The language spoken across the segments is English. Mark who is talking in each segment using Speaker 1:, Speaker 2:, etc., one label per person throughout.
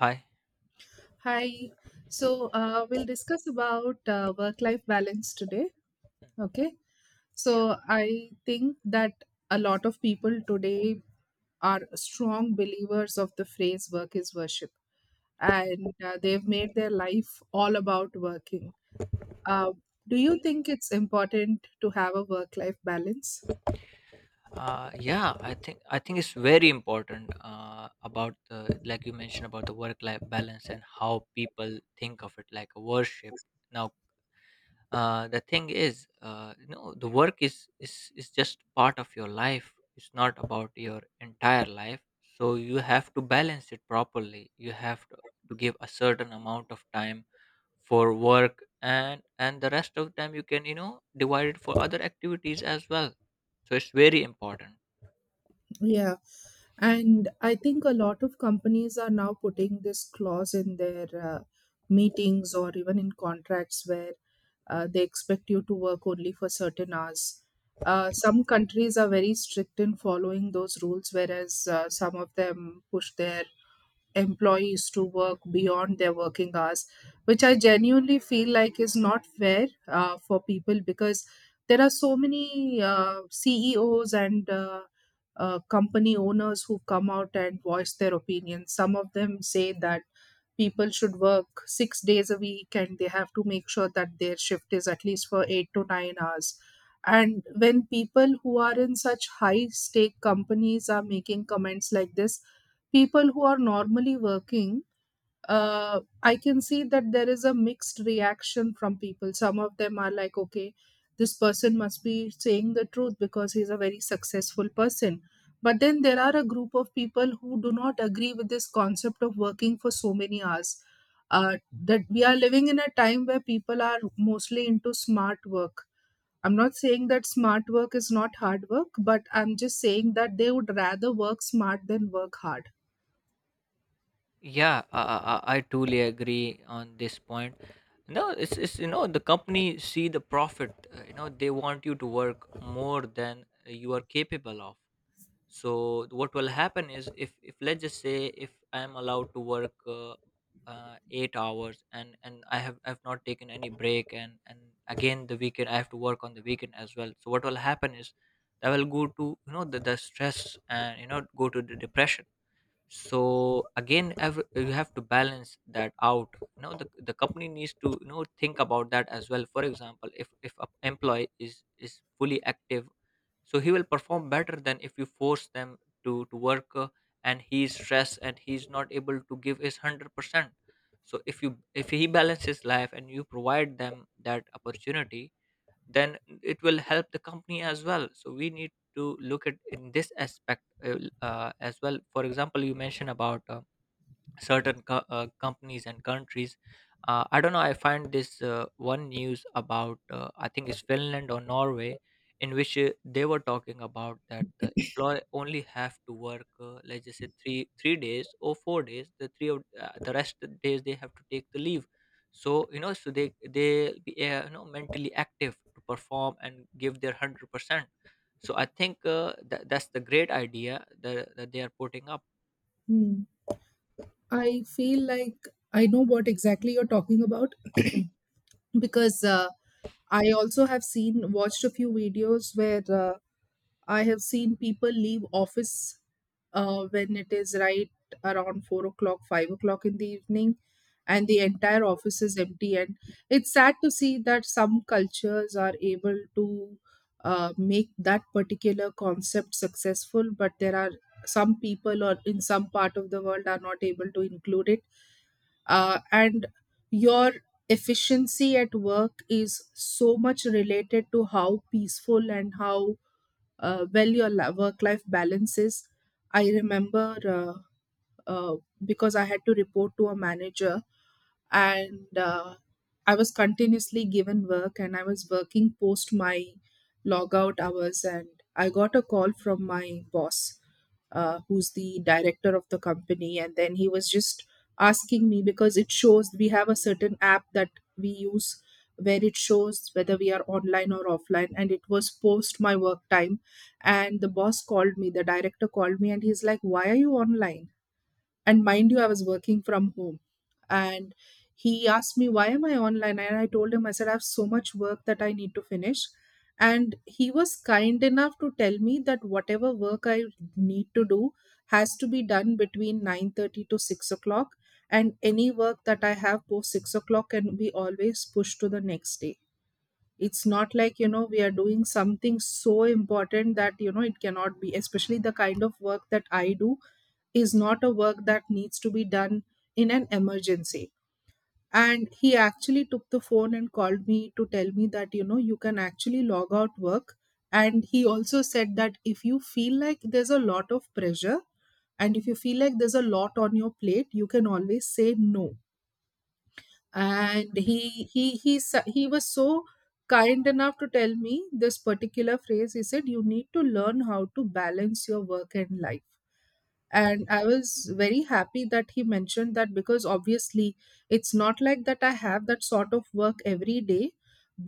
Speaker 1: Hi.
Speaker 2: Hi. So we'll discuss about work-life balance today. Okay.
Speaker 1: Yeah.
Speaker 2: So I think that a lot of people today are strong believers of the phrase "work is worship," and they've made their life all about working. Uh, do you think it's important to have a work-life balance?
Speaker 1: Yeah. I think it's very important about the like you mentioned about the work-life balance and how people think of it like a worship. Now, the thing is, the work is just part of your life. It's not about your entire life. So you have to balance it properly. You have to give a certain amount of time for work and the rest of the time you can divide it for other activities as well, so it's very important.
Speaker 2: Yeah. And I think a lot of companies are now putting this clause in their meetings or even in contracts where they expect you to work only for certain hours. Some countries are very strict in following those rules, whereas some of them push their employees to work beyond their working hours, which I genuinely feel like is not fair for people because there are so many CEOs and company owners who come out and voice their opinions. Some of them say that people should work 6 days a week, and they have to make sure that their shift is at least for 8 to 9 hours. And when people who are in such high stake companies are making comments like this, people who are normally working, uh, I can see that there is a mixed reaction from people. Some of them are like, okay, this person must be saying the truth because he's a very successful person, but then there are a group of people who do not agree with this concept of working for so many hours. uh, that we are living in a time where people are mostly into smart work. I'm not saying that smart work is not hard work, but I'm just saying that they would rather work smart than work hard.
Speaker 1: Yeah, I totally agree on this point. No, it's the company see the profit. You know they want you to work more than you are capable of. So what will happen is if let's just say if I am allowed to work uh, 8 hours and I've not taken any break, and again the weekend, I have to work on the weekend as well. So what will happen is I will go to the stress and go to the depression. So again, you have to balance that out. The company needs to think about that as well. For example, if an employee is fully active, so he will perform better than if you force them to work, and he's stressed and he's not able to give his 100%. So if you, if he balances life and you provide them that opportunity, then it will help the company as well. So we need to look at in this aspect as well. For example, you mentioned about certain companies and countries. I don't know. I find this one news about, I think it's Finland or Norway, in which they were talking about that the employee only have to work, let's just say, three days or 4 days. The three of, the rest of the days they have to take the leave. So you know, so they be mentally active to perform and give their 100%. So I think that that's the great idea that, that they are putting up.
Speaker 2: Hmm. I feel like I know what exactly you're talking about because I also have seen watched a few videos where I have seen people leave office when it is right around 4 o'clock, 5 o'clock in the evening, and the entire office is empty. And it's sad to see that some cultures are able to make that particular concept successful, but there are some people or in some part of the world are not able to include it. And Your efficiency at work is so much related to how peaceful and how well your work life balance is. I remember uh, because I had to report to a manager and I was continuously given work, and I was working post my log out hours, and I got a call from my boss, who's the director of the company, and then he was just asking me because it shows we have a certain app that we use, where it shows whether we are online or offline, and it was post my work time. And the boss called me, the director called me, and he's like, why are you online? And mind you, I was working from home. And he asked me, why am I online? And I told him, I said, I have so much work that I need to finish. And he was kind enough to tell me that whatever work I need to do has to be done between 9:30 to 6 o'clock, and any work that I have post 6 o'clock can be always pushed to the next day. It's not like, you know, we are doing something so important that, you know, it cannot be, especially the kind of work that I do is not a work that needs to be done in an emergency. And he actually took the phone and called me to tell me that, you know, you can actually log out work. And he also said that if you feel like there's a lot of pressure and if you feel like there's a lot on your plate, you can always say no. And he was so kind enough to tell me this particular phrase. He said, "You need to learn how to balance your work and life." And I was very happy that he mentioned that because obviously it's not like that I have that sort of work every day,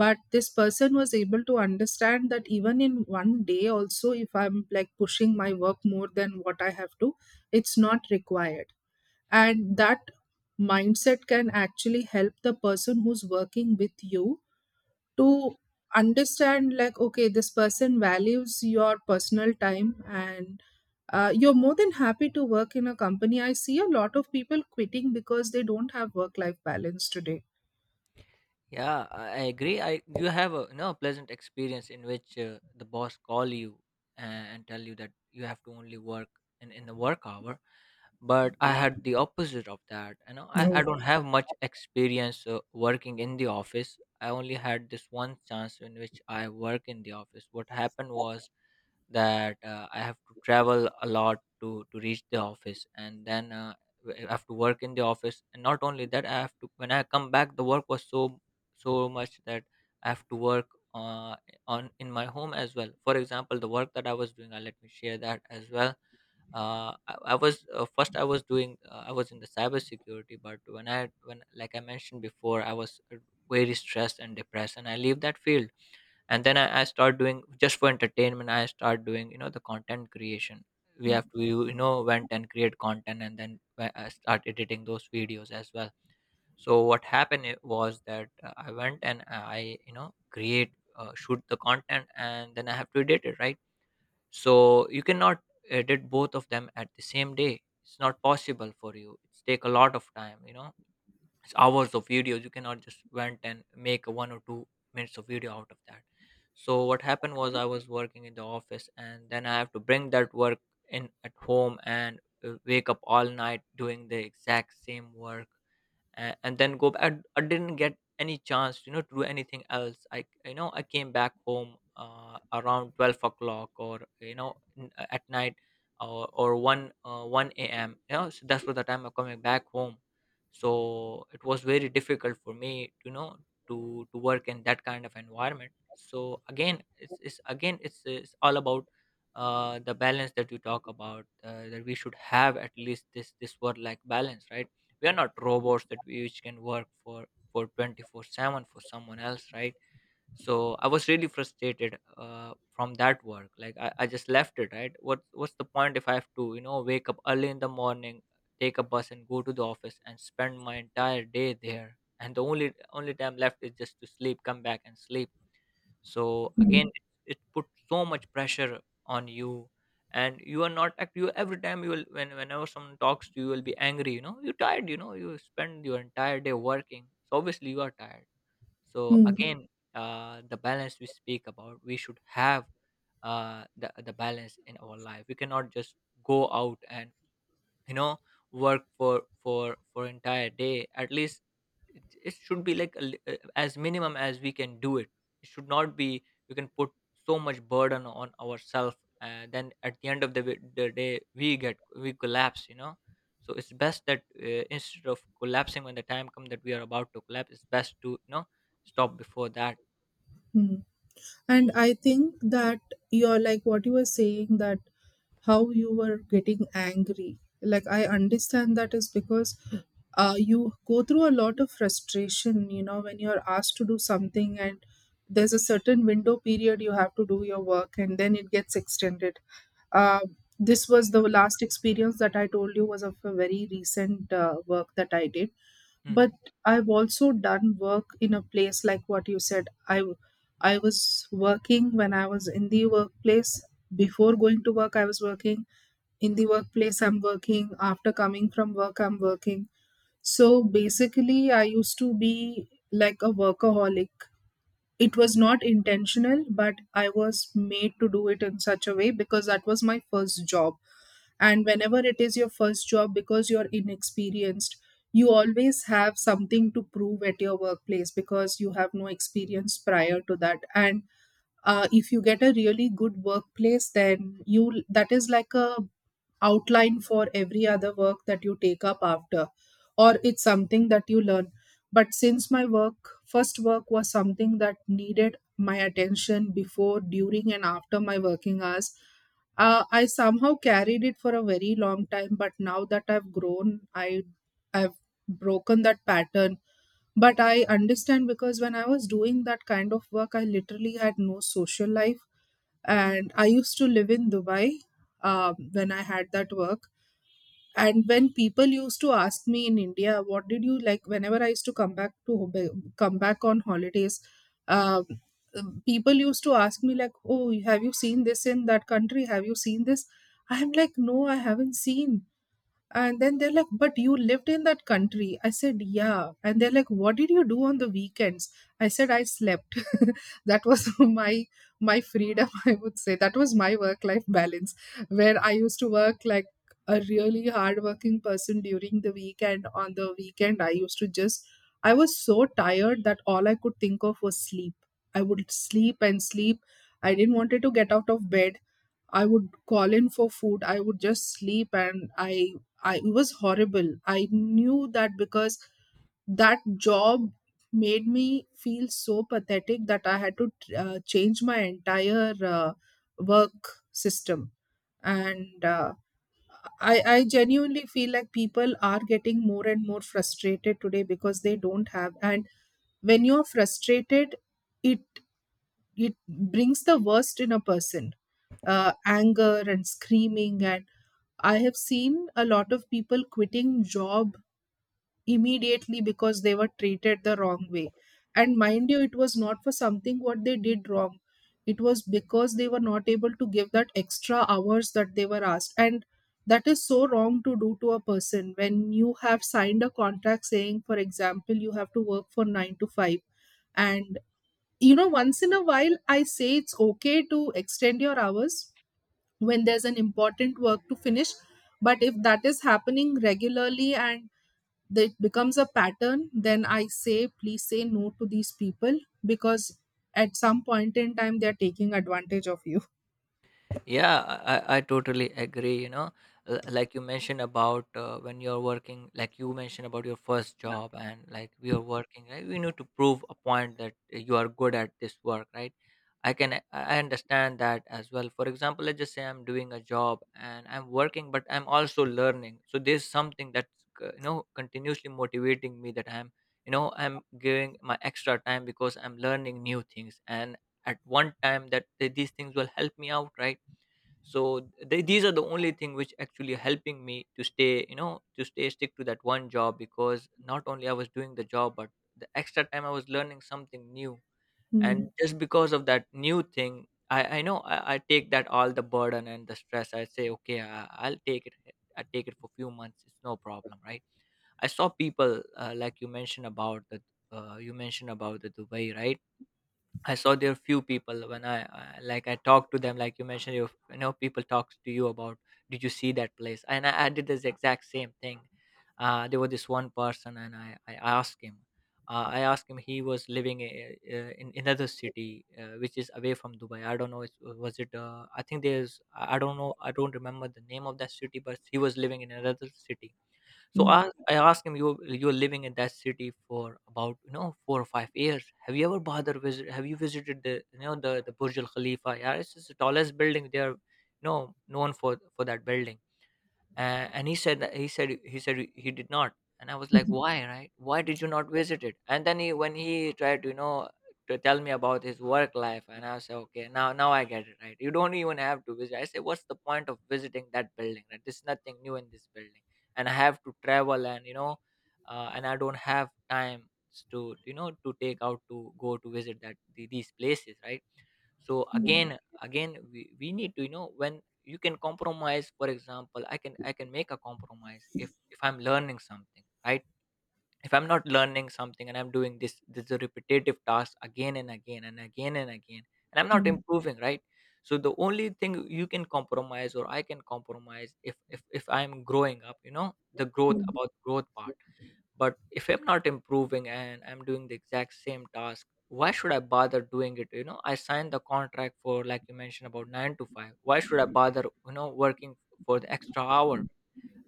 Speaker 2: but this person was able to understand that even in one day also, if I'm like pushing my work more than what I have to, it's not required. And that mindset can actually help the person who's working with you to understand, like, okay, this person values your personal time, and you're more than happy to work in a company. I see a lot of people quitting because they don't have work life balance today.
Speaker 1: Yeah, I agree. I You have a, pleasant experience in which the boss call you and tell you that you have to only work in the work hour. But I had the opposite of that. You know, I don't have much experience working in the office. I only had this one chance in which I work in the office. What happened was that I have to travel a lot to reach the office, and then, I have to work in the office. And not only that, I have to, when I come back, the work was so much that I have to work uh, on in my home as well. For example, the work that I was doing, let me share that as well. I was, first I was doing, I was in the cybersecurity, but when I, when like I mentioned before, I was, very stressed and depressed, and I leave that field. And then I start doing, just for entertainment, I start doing, the content creation. We have to, went and create content, and then, I start editing those videos as well. So what happened it was that I went and I, create shoot the content, and then I have to edit it, right? So you cannot edit both of them at the same day. It's not possible for you. It's take a lot of time, it's hours of videos. You cannot just went and make a 1 or 2 minutes of video out of that. So what happened was I was working in the office and then I have to bring that work in at home and, wake up all night doing the exact same work, and then go back. I didn't get any chance, you know, to do anything else. I, you know, I came back home around 12 o'clock, or you know, at night, or one one a.m. You know, so that's what the time I'm coming back home. So it was very difficult for me, to, you know, to work in that kind of environment. So again, it's again it's all about the balance that you talk about, that we should have at least this work life balance, right? We are not robots that we which can work for 24/7 for someone else, right? So I was really frustrated from that work, like I just left it, right? What what's the point if I have to, you know, wake up early in the morning, take a bus and go to the office and spend my entire day there, and the only time left is just to sleep, come back and sleep. So again, it put so much pressure on you, and you are not act you, every time you will, when whenever someone talks to you, you will be angry. You know, you're tired. You know, you spend your entire day working, so obviously you are tired. So
Speaker 2: Hmm.
Speaker 1: again, the balance we speak about, we should have, the balance in our life. We cannot just go out and, you know, work for entire day. At least it should be like a as minimum as we can do it. It should not be, we can put so much burden on ourselves, and then at the end of the, the day we get, we collapse, you know. So it's best that, instead of collapsing when the time comes that we are about to collapse, it's best to, you know, stop before that.
Speaker 2: Hmm. And I think that you're like what you were saying, that how you were getting angry. Like, I understand that is because you go through a lot of frustration, you know, when you're asked to do something, and there's a certain window period you have to do your work and then it gets extended. Uh, this was the last experience that I told you was of a very recent work that I did. But
Speaker 1: Hmm.
Speaker 2: I've also done work in a place like what you said. I was working when I was in the workplace. Before going to work, I was working. In the workplace, I'm working. After coming from work, I'm working. So basically, I used to be like a workaholic. It was not intentional, but I was made to do it in such a way because that was my first job. And whenever it is your first job, because you're inexperienced, you always have something to prove at your workplace because you have no experience prior to that. And if you get a really good workplace, then you, that is like a outline for every other work that you take up after, or it's something that you learn. But since my work first work was something that needed my attention before, during, and after my working hours, I somehow carried it for a very long time, but now that I've grown, I've broken that pattern. But I understand, because when I was doing that kind of work, I literally had no social life, and I used to live in Dubai, when I had that work. And when people used to ask me in India, what did you like, whenever I used to come back to Hubei- come back on holidays, um, people used to ask me like, oh, have you seen this in that country, have you seen this? I'm like, no, I haven't seen. And then they're like, but you lived in that country. I said, yeah. And they're like, what did you do on the weekends? I said, I slept. That was my freedom, I would say. That was my work-life balance, where I used to work like a really hardworking person during the weekend. On the weekend, I used to just, I was so tired that all I could think of was sleep. I would
Speaker 1: Yeah,
Speaker 2: sleep and sleep. I didn't wanted to get out of bed. I would call in for food. I would just sleep and I, it was horrible. I knew that because that job made me feel so pathetic that I had to change my entire work system. And I genuinely feel like people are getting more and more frustrated today because they don't have. And when you're frustrated, it it brings the worst in a person, anger and screaming. And I have seen a lot of people quitting job immediately because they were treated the wrong way. And mind you, it was not for something what they did wrong. It was because they were not able to give that extra hours that they were asked. And that is so wrong to do to a person when you have signed a contract saying, for example, you have to work for nine to five. And, you know, once in a while, I say it's okay to extend your hours, when there's an important work to finish. But if that is happening regularly and it becomes a pattern, then I say, please say no to these people, because at some point in time, they're taking advantage of you.
Speaker 1: yeah, I totally agree. You know, like you mentioned about, when you're working, like you mentioned about your first job, and like we are working, right? We need to prove a point that you are good at this work, right? I can i I understand that as well. For example, let's just say I'm doing a job and I'm working, but I'm also learning. So there's something you know, continuously motivating me, that I'm, you know, I'm giving my extra time because I'm learning new things. And at one time that, these things will help me out, right? So these are the only thing which actually helping me to stay, you know, to stay stick to that one job, because not only I was doing the job, but the extra time I was learning something new. And
Speaker 2: Mm,
Speaker 1: just because of that new thing, I know, I take that all the burden and the stress. I say, okay, I'll take it. I take it for few months. It's no problem, right? I saw people, you mentioned about the Dubai, right? I saw there few people, when I, like I talked to them, like you mentioned, you know, people talks to you about, did you see that place? And I did this exact same thing. There was this one person and I asked him. I asked him, he was living in another city which is away from Dubai. I don't know. Was it? I think there's. I don't know. I don't remember the name of that city, but he was living in another city. So I,
Speaker 2: mm,
Speaker 1: I asked him, "You you're living in that city for about, you know, 4 or 5 years. Have you ever bother visit? Have you visited the, you know, the Burj Al Khalifa? Yeah, it's just the tallest building. They are known for that building." And he said he did not. And I was like, why, right, why did you not visit it? And then he when he tried to to tell me about his work life. And I said, okay, now I get it, right, you don't even have to visit. I said, what's the point of visiting that building, right? There's nothing new in this building. And I have to travel and you know and I don't have time to to take out, to go to visit these places, right. So
Speaker 2: mm,
Speaker 1: again, we need to, when you can compromise, for example, I can make a compromise if I'm learning something, right. If I'm not learning something and I'm doing this repetitive task again and again and again and again, and I'm not
Speaker 2: mm,
Speaker 1: improving, right. So the only thing you can compromise, or I can compromise, if I'm growing up, the growth,
Speaker 2: mm,
Speaker 1: about growth part. But if I'm not improving and I'm doing the exact same task, why should I bother doing it? I signed the contract for, like you mentioned, about 9 to 5. Why should I bother working for the extra hour?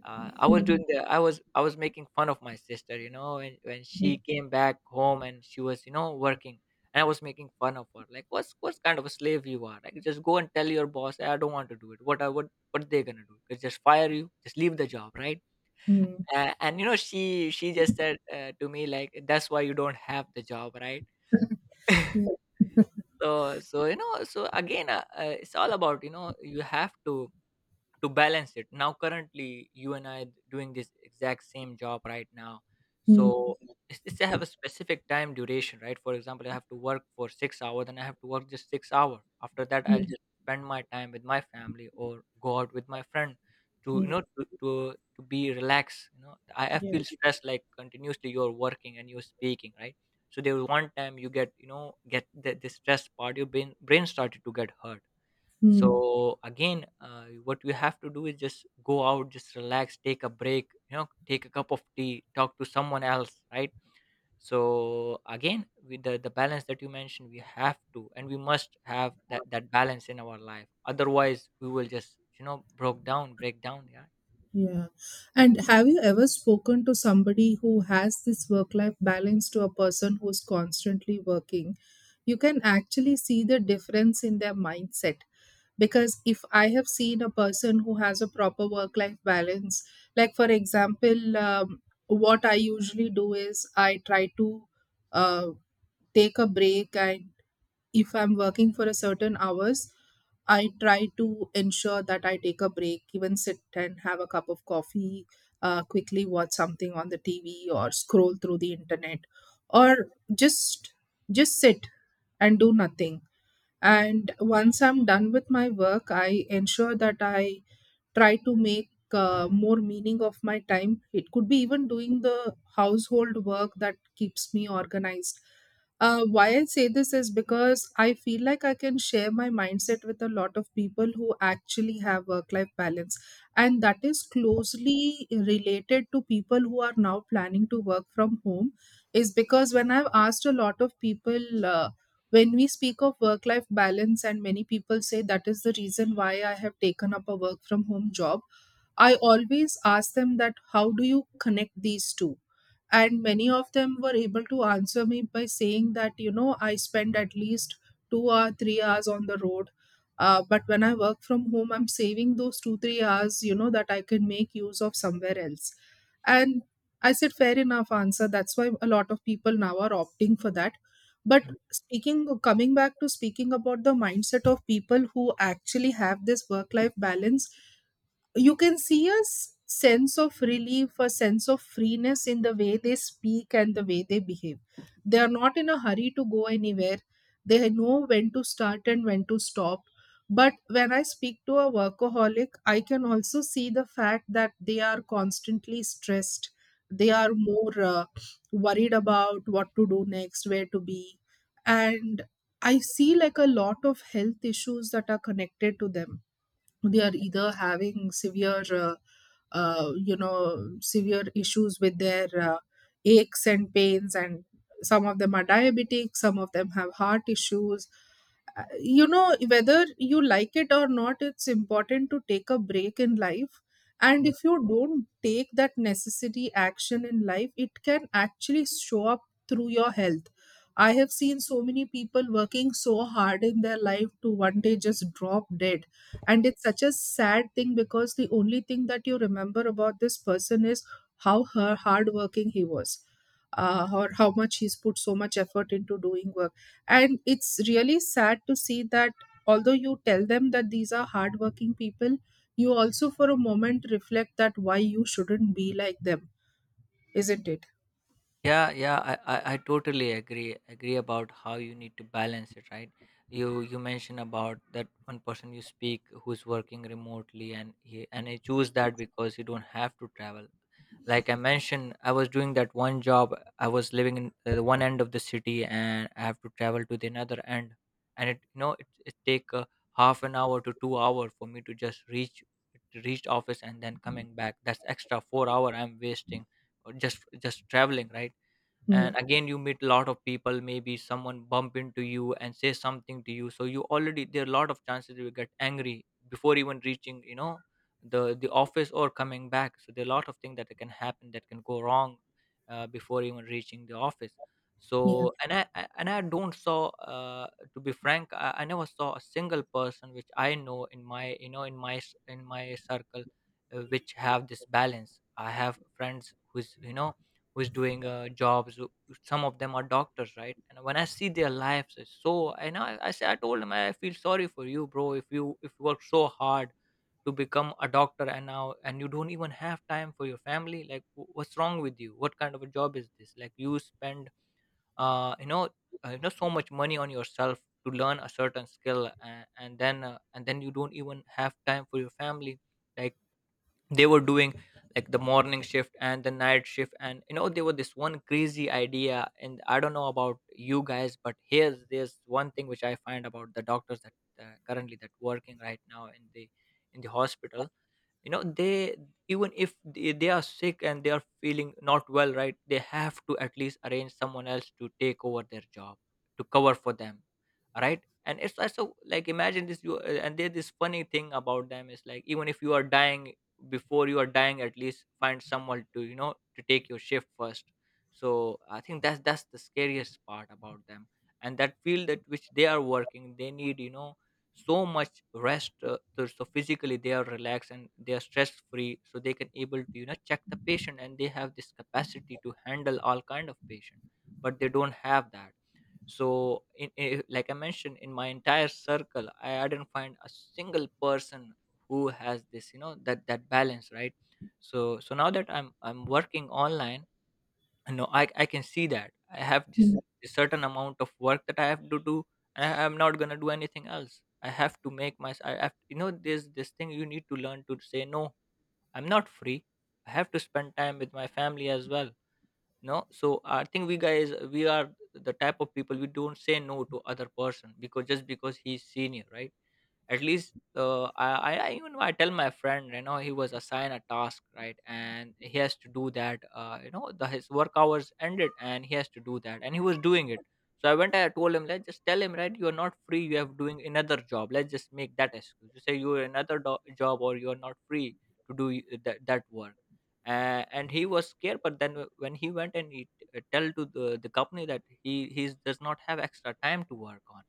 Speaker 1: Uh, I was doing the I was making fun of my sister, and when she came back home and she was working. And I was making fun of her, like, what's kind of a slave you are, like, just go and tell your boss, 'Hey, I don't want to do it. What i what what they gonna do? Just fire you, just leave the job, right?'
Speaker 2: mm,
Speaker 1: And she just said, to me, like, "That's why you don't have the job, right?"
Speaker 2: yeah,
Speaker 1: So again, it's all about, you have to balance it. Now currently you and I doing this exact same job right now, so
Speaker 2: mm,
Speaker 1: it's I have a specific time duration, right? For example, I have to work for 6 hour, then I have to work just 6 hour. After that I'll
Speaker 2: mm,
Speaker 1: just spend my time with my family or go out with my friend, to you know
Speaker 2: mm,
Speaker 1: to to, to be relaxed. I
Speaker 2: yeah,
Speaker 1: feel stressed, like continuously you're working and you're speaking, right. So there was one time you get you know get the stress part, your brain started to get hurt.
Speaker 2: mm.
Speaker 1: So again, what you have to do is just go out, just relax, take a break, take a cup of tea, talk to someone else, right. So again, with the balance that you mentioned, we have to, and we must have that balance in our life, otherwise we will just broke down break down. Yeah.
Speaker 2: Yeah. And have you ever spoken to somebody who has this work life balance to a person who's constantly working? You can actually see the difference in their mindset. Because if I have seen a person who has a proper work life balance, like for example, what I usually do is I try to uh, take a break. And if I'm working for a certain hours, I try to ensure that I take a break, even sit and have a cup of coffee, quickly watch something on the TV or scroll through the internet, or just just sit and do nothing. And once I'm done with my work, I ensure that I try to make more meaning of my time. It could be even doing the household work that keeps me organized. Why I say this is because I feel like I can share my mindset with a lot of people who actually have work life balance, and that is closely related to people who are now planning to work from home. Is because when I've asked a lot of people, when we speak of work life balance, and many people say that is the reason why I have taken up a work from home job, I always ask them that how do you connect these two? And many of them were able to answer me by saying that, you know, I spend at least 2 or 3 hours on the road. But when I work from home, I'm saving those two, 3 hours, you know, that I can make use of somewhere else. And I said, fair enough answer. That's why a lot of people now are opting for that. But
Speaker 1: Mhm.
Speaker 2: coming back to speaking about the mindset of people who actually have this work life balance, you can see a sense of relief, a sense of freeness in the way they speak and the way they behave. They
Speaker 1: Yeah.
Speaker 2: are not in a hurry to go anywhere. They know when to start and when to stop. But when I speak to a workaholic, I can also see the fact that they are constantly stressed. They
Speaker 1: Mm.
Speaker 2: are more worried about what to do next, where to be. And I see like a lot of health issues that are connected to them. They are either having severe you know, severe issues with their aches and pains, and some of them are diabetic, some of them have heart issues. Uh, you know, whether you like it or not, it's important to take a break in life. And
Speaker 1: Yeah.
Speaker 2: if you don't take that necessary action in life, it can actually show up through your health. I have seen so many people working so hard in their life to one day just drop dead. And it's such a sad thing because the only thing that you remember about this person is how her hardworking he was, or how much he's put so much effort into doing work. And it's really sad to see that although you tell them that these are hardworking people, you also for a moment reflect that why you shouldn't be like them, isn't it?
Speaker 1: Yeah, yeah, I totally agree about how you need to balance it, right? You mentioned about that one person you speak, who's working remotely, and he choose that because he don't have to travel. Like I mentioned, I was doing that one job. I was living in the one end of the city and I have to travel to the another end, and it you know it it take a half an hour to 2 hour for me to just reach office and then coming back. That's extra 4 hour I'm wasting, just traveling, right?
Speaker 2: Mm,
Speaker 1: And again, you meet a lot of people, maybe someone bump into you and say something to you, so you already there are a lot of chances you get angry before even reaching, the office or coming back. So there are a lot of things that can happen that can go wrong, before even reaching the office.
Speaker 2: yeah.
Speaker 1: So and I- and I don't saw, to be frank, I never saw a single person which I know in my you know in my s- in my circle, which have this balance. I have friends who's you know who's doing jobs, some of them are doctors, right. And when I see their lives, it's so and I say I told him, I feel sorry for you, bro. If you work so hard to become a doctor, and you don't even have time for your family, like, what's wrong with you? What kind of a job is this? Like, you spend, uh you know so much money on yourself to learn a certain skill, and then you don't even have time for your family, like, they were doing, like, the morning shift and the night shift. And there was this one crazy idea, and I don't know about you guys, but here's there's one thing which I find about the doctors, that currently that working right now in the hospital. They, even if they are sick and they are feeling not well, right, they have to at least arrange someone else to take over their job, to cover for them, right. And it's also like, imagine this, you and there's this funny thing about them, is like, even if you are dying, before you are dying, at least find someone to, to take your shift first. So I think that's the scariest part about them. And that field that which they are working, they need, so much rest, so physically they are relaxed and they are stress free, so they can able to, check the patient, and they have this capacity to handle all kind of patient. But they don't have that. So like I mentioned, in my entire circle, I didn't find a single person who has this, that balance, right. Now that I'm working online, no, I can see that I have this,
Speaker 2: Mm,
Speaker 1: this certain amount of work that I have to do. And I'm not gonna do anything else. I have to make my I have you know there's this thing, you need to learn to say no. I'm not free. I have to spend time with my family as well. No. So I think we guys, we are the type of people, we don't say no to other person, because just because he's senior, right. At least, I even I tell my friend, he was assigned a task, right, and he has to do that. Uh, you know the his work hours ended, and he has to do that, and he was doing it. So I told him, let's just tell him, right, you are not free, you have doing another job. Let's just make that excuse, you say you are another job, or you are not free to do that work. And he was scared, but then when he went and he tell to the company that he does not have extra time to work on,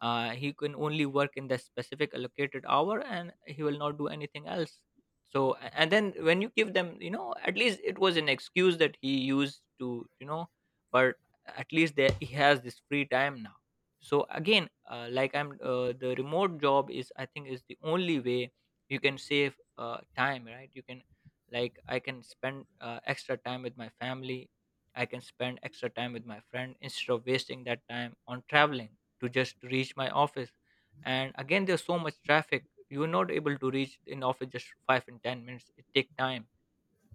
Speaker 1: he can only work in the specific allocated hour, and he will not do anything else. So and then when you give them, at least it was an excuse that he used to, but at least there he has this free time now. So again, like, I'm the remote job is, I think, is the only way you can save, time, right. You can, like, I can spend, extra time with my family. I can spend extra time with my friend, instead of wasting that time on traveling to just reach my office. And again, there's so much traffic you're not able to reach in office, just 5 and 10 minutes it take time.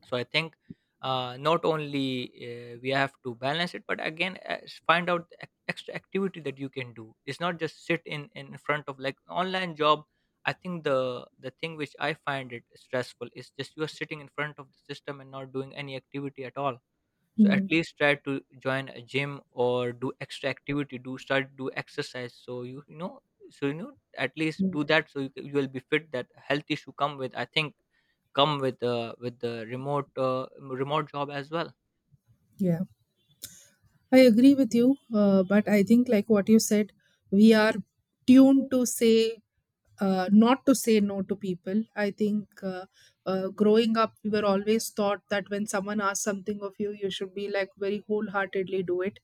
Speaker 1: So I think, not only, we have to balance it, but again, find out the extra activity that you can do. It's not just sit in front of, like, online job. I think the thing which I find it stressful is just you are sitting in front of the system and not doing any activity at all. So at
Speaker 2: mm,
Speaker 1: least try to join a gym or do extra activity, do exercise, so at least
Speaker 2: mm.
Speaker 1: do that, so you, you will be fit. That health issue come with, I think, come with the remote job as well.
Speaker 2: Yeah, I agree with you. But I think like what you said, we are tuned to say not to say no to people. I think, growing up, we were always taught that when someone asks something of you, you should be like very wholeheartedly do it.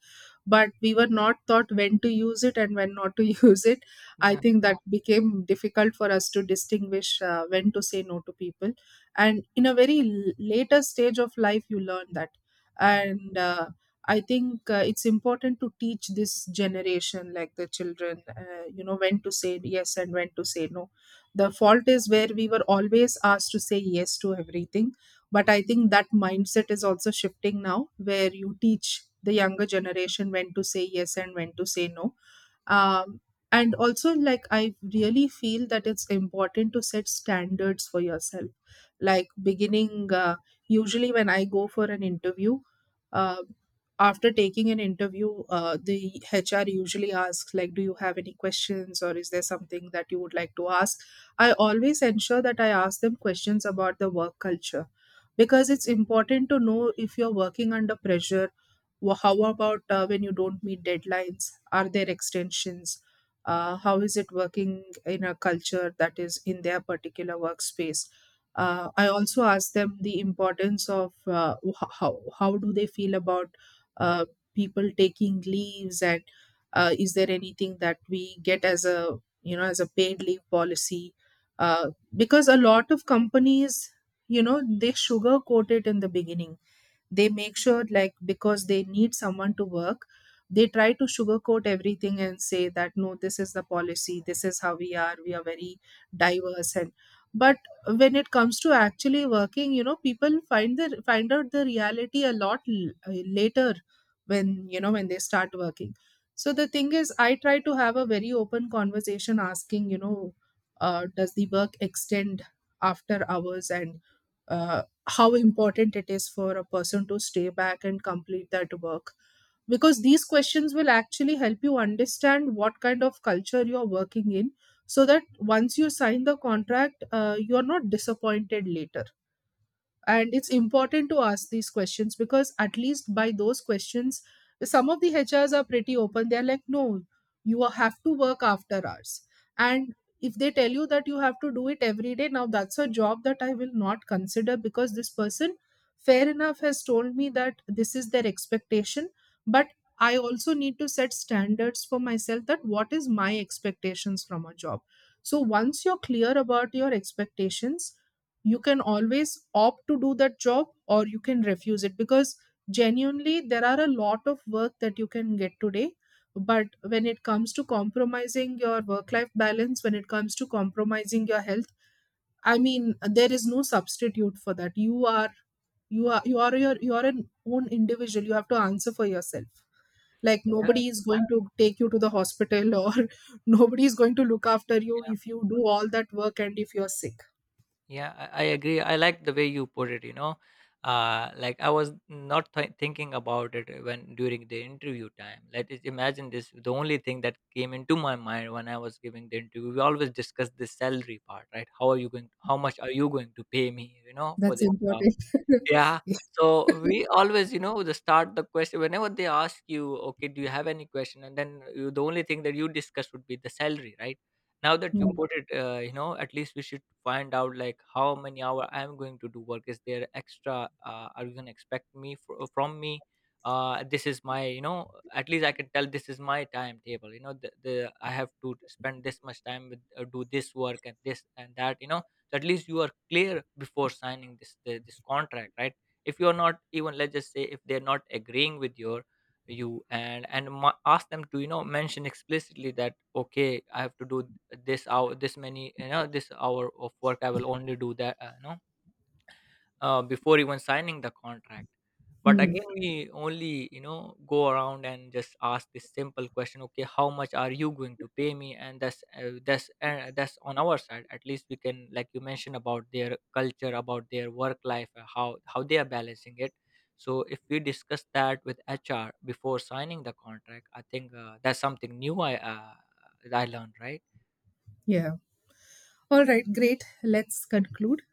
Speaker 2: But we were not taught when to use it and when not to use it. I
Speaker 1: Yeah.
Speaker 2: think that became difficult for us to distinguish when to say no to people. And in a very later stage of life, you learn that.
Speaker 1: Mm.
Speaker 2: And I think it's important to teach this generation, like the children, you know, when to say yes and when to say no. The fault is where we were always asked to say yes to everything. But I think that mindset is also shifting now, where you teach the younger generation when to say yes and when to say no. um, and also, like, I really feel that it's important to set standards for yourself, like beginning, usually when I go for an interview, uh, after taking an interview, the HR usually asks like, do you have any questions or is there something that you would like to ask? I always ensure that I ask them questions about the work culture because it's important to know if you're working under pressure. How about, when you don't meet deadlines, are there extensions? How is it working in a culture that is in their particular workspace? I also ask them the importance of, how do they feel about uh, people taking leaves, and is there anything that we get as a, you know, as a paid leave policy? uh, because a lot of companies, you know, they sugarcoat it in the beginning. They make sure, like, because they need someone to work, they try to sugarcoat everything and say that, no, this is the policy, this is how we are, we are very diverse, and but when it comes to actually working, you know, people find out the reality a lot later, when, you know, when they start working. So the thing is, I try to have a very open conversation asking, you know, does the work extend after hours, and uh, how important it is for a person to stay back and complete that work. Because these questions will actually help you understand what kind of culture you're working in, so that once you sign the contract, you're not disappointed later. And it's important to ask these questions, because at least by those questions, some of the HRs are pretty open. They're like, no, you have to work after hours. And if they tell you that you have to do it every day, now that's a job that I will not consider, because this person, fair enough, has told me that this is their expectation. But I also need to set standards for myself, that what is my expectations from a job. So once you're clear about your expectations, you can always opt to do that job, or you can refuse it, because genuinely there are a lot of work that you can get today. But when it comes to compromising your work life balance, when it comes to compromising your health, I mean, there is no substitute for that. You are, you are an own individual. You have to answer for yourself. Like, nobody is going to take you to the hospital, or nobody is going to look after you if you do all that work and if you're sick.
Speaker 1: Yeah, I agree. I like the way you put it. Like, I was not thinking about it when during the interview time. Let us imagine this. The only thing that came into my mind when I was giving the interview, we always discuss the salary part, right? How are you going? How much are you going to pay me? For
Speaker 2: That's
Speaker 1: this job.
Speaker 2: important.
Speaker 1: Yeah.
Speaker 2: Yeah.
Speaker 1: So we always, the start the question whenever they ask you, okay, do you have any question? And then the only thing that you discuss would be the salary, right? Now that you
Speaker 2: Mm,
Speaker 1: put it, at least we should find out like how many hour I am going to do work. Is there extra? Are you gonna expect me from me? This is my, at least I can tell this is my timetable. The I have to spend this much time with, do this work and this and that. At least you are clear before signing this contract, right. If you're not even, let's just say, if they're not agreeing with your, you and ma- ask them to, mention explicitly that okay, I have to do this hour, this many, this hour of work, I will only do that, no, before even signing the contract. But
Speaker 2: mm,
Speaker 1: again, we only, go around and just ask this simple question, okay, how much are you going to pay me? And that's on our side. At least we can, like you mentioned, about their culture, about their work life, how they are balancing it. So if we discuss that with HR before signing the contract, I think, that's something new I learned, right.
Speaker 2: yeah. All right, great. Let's conclude.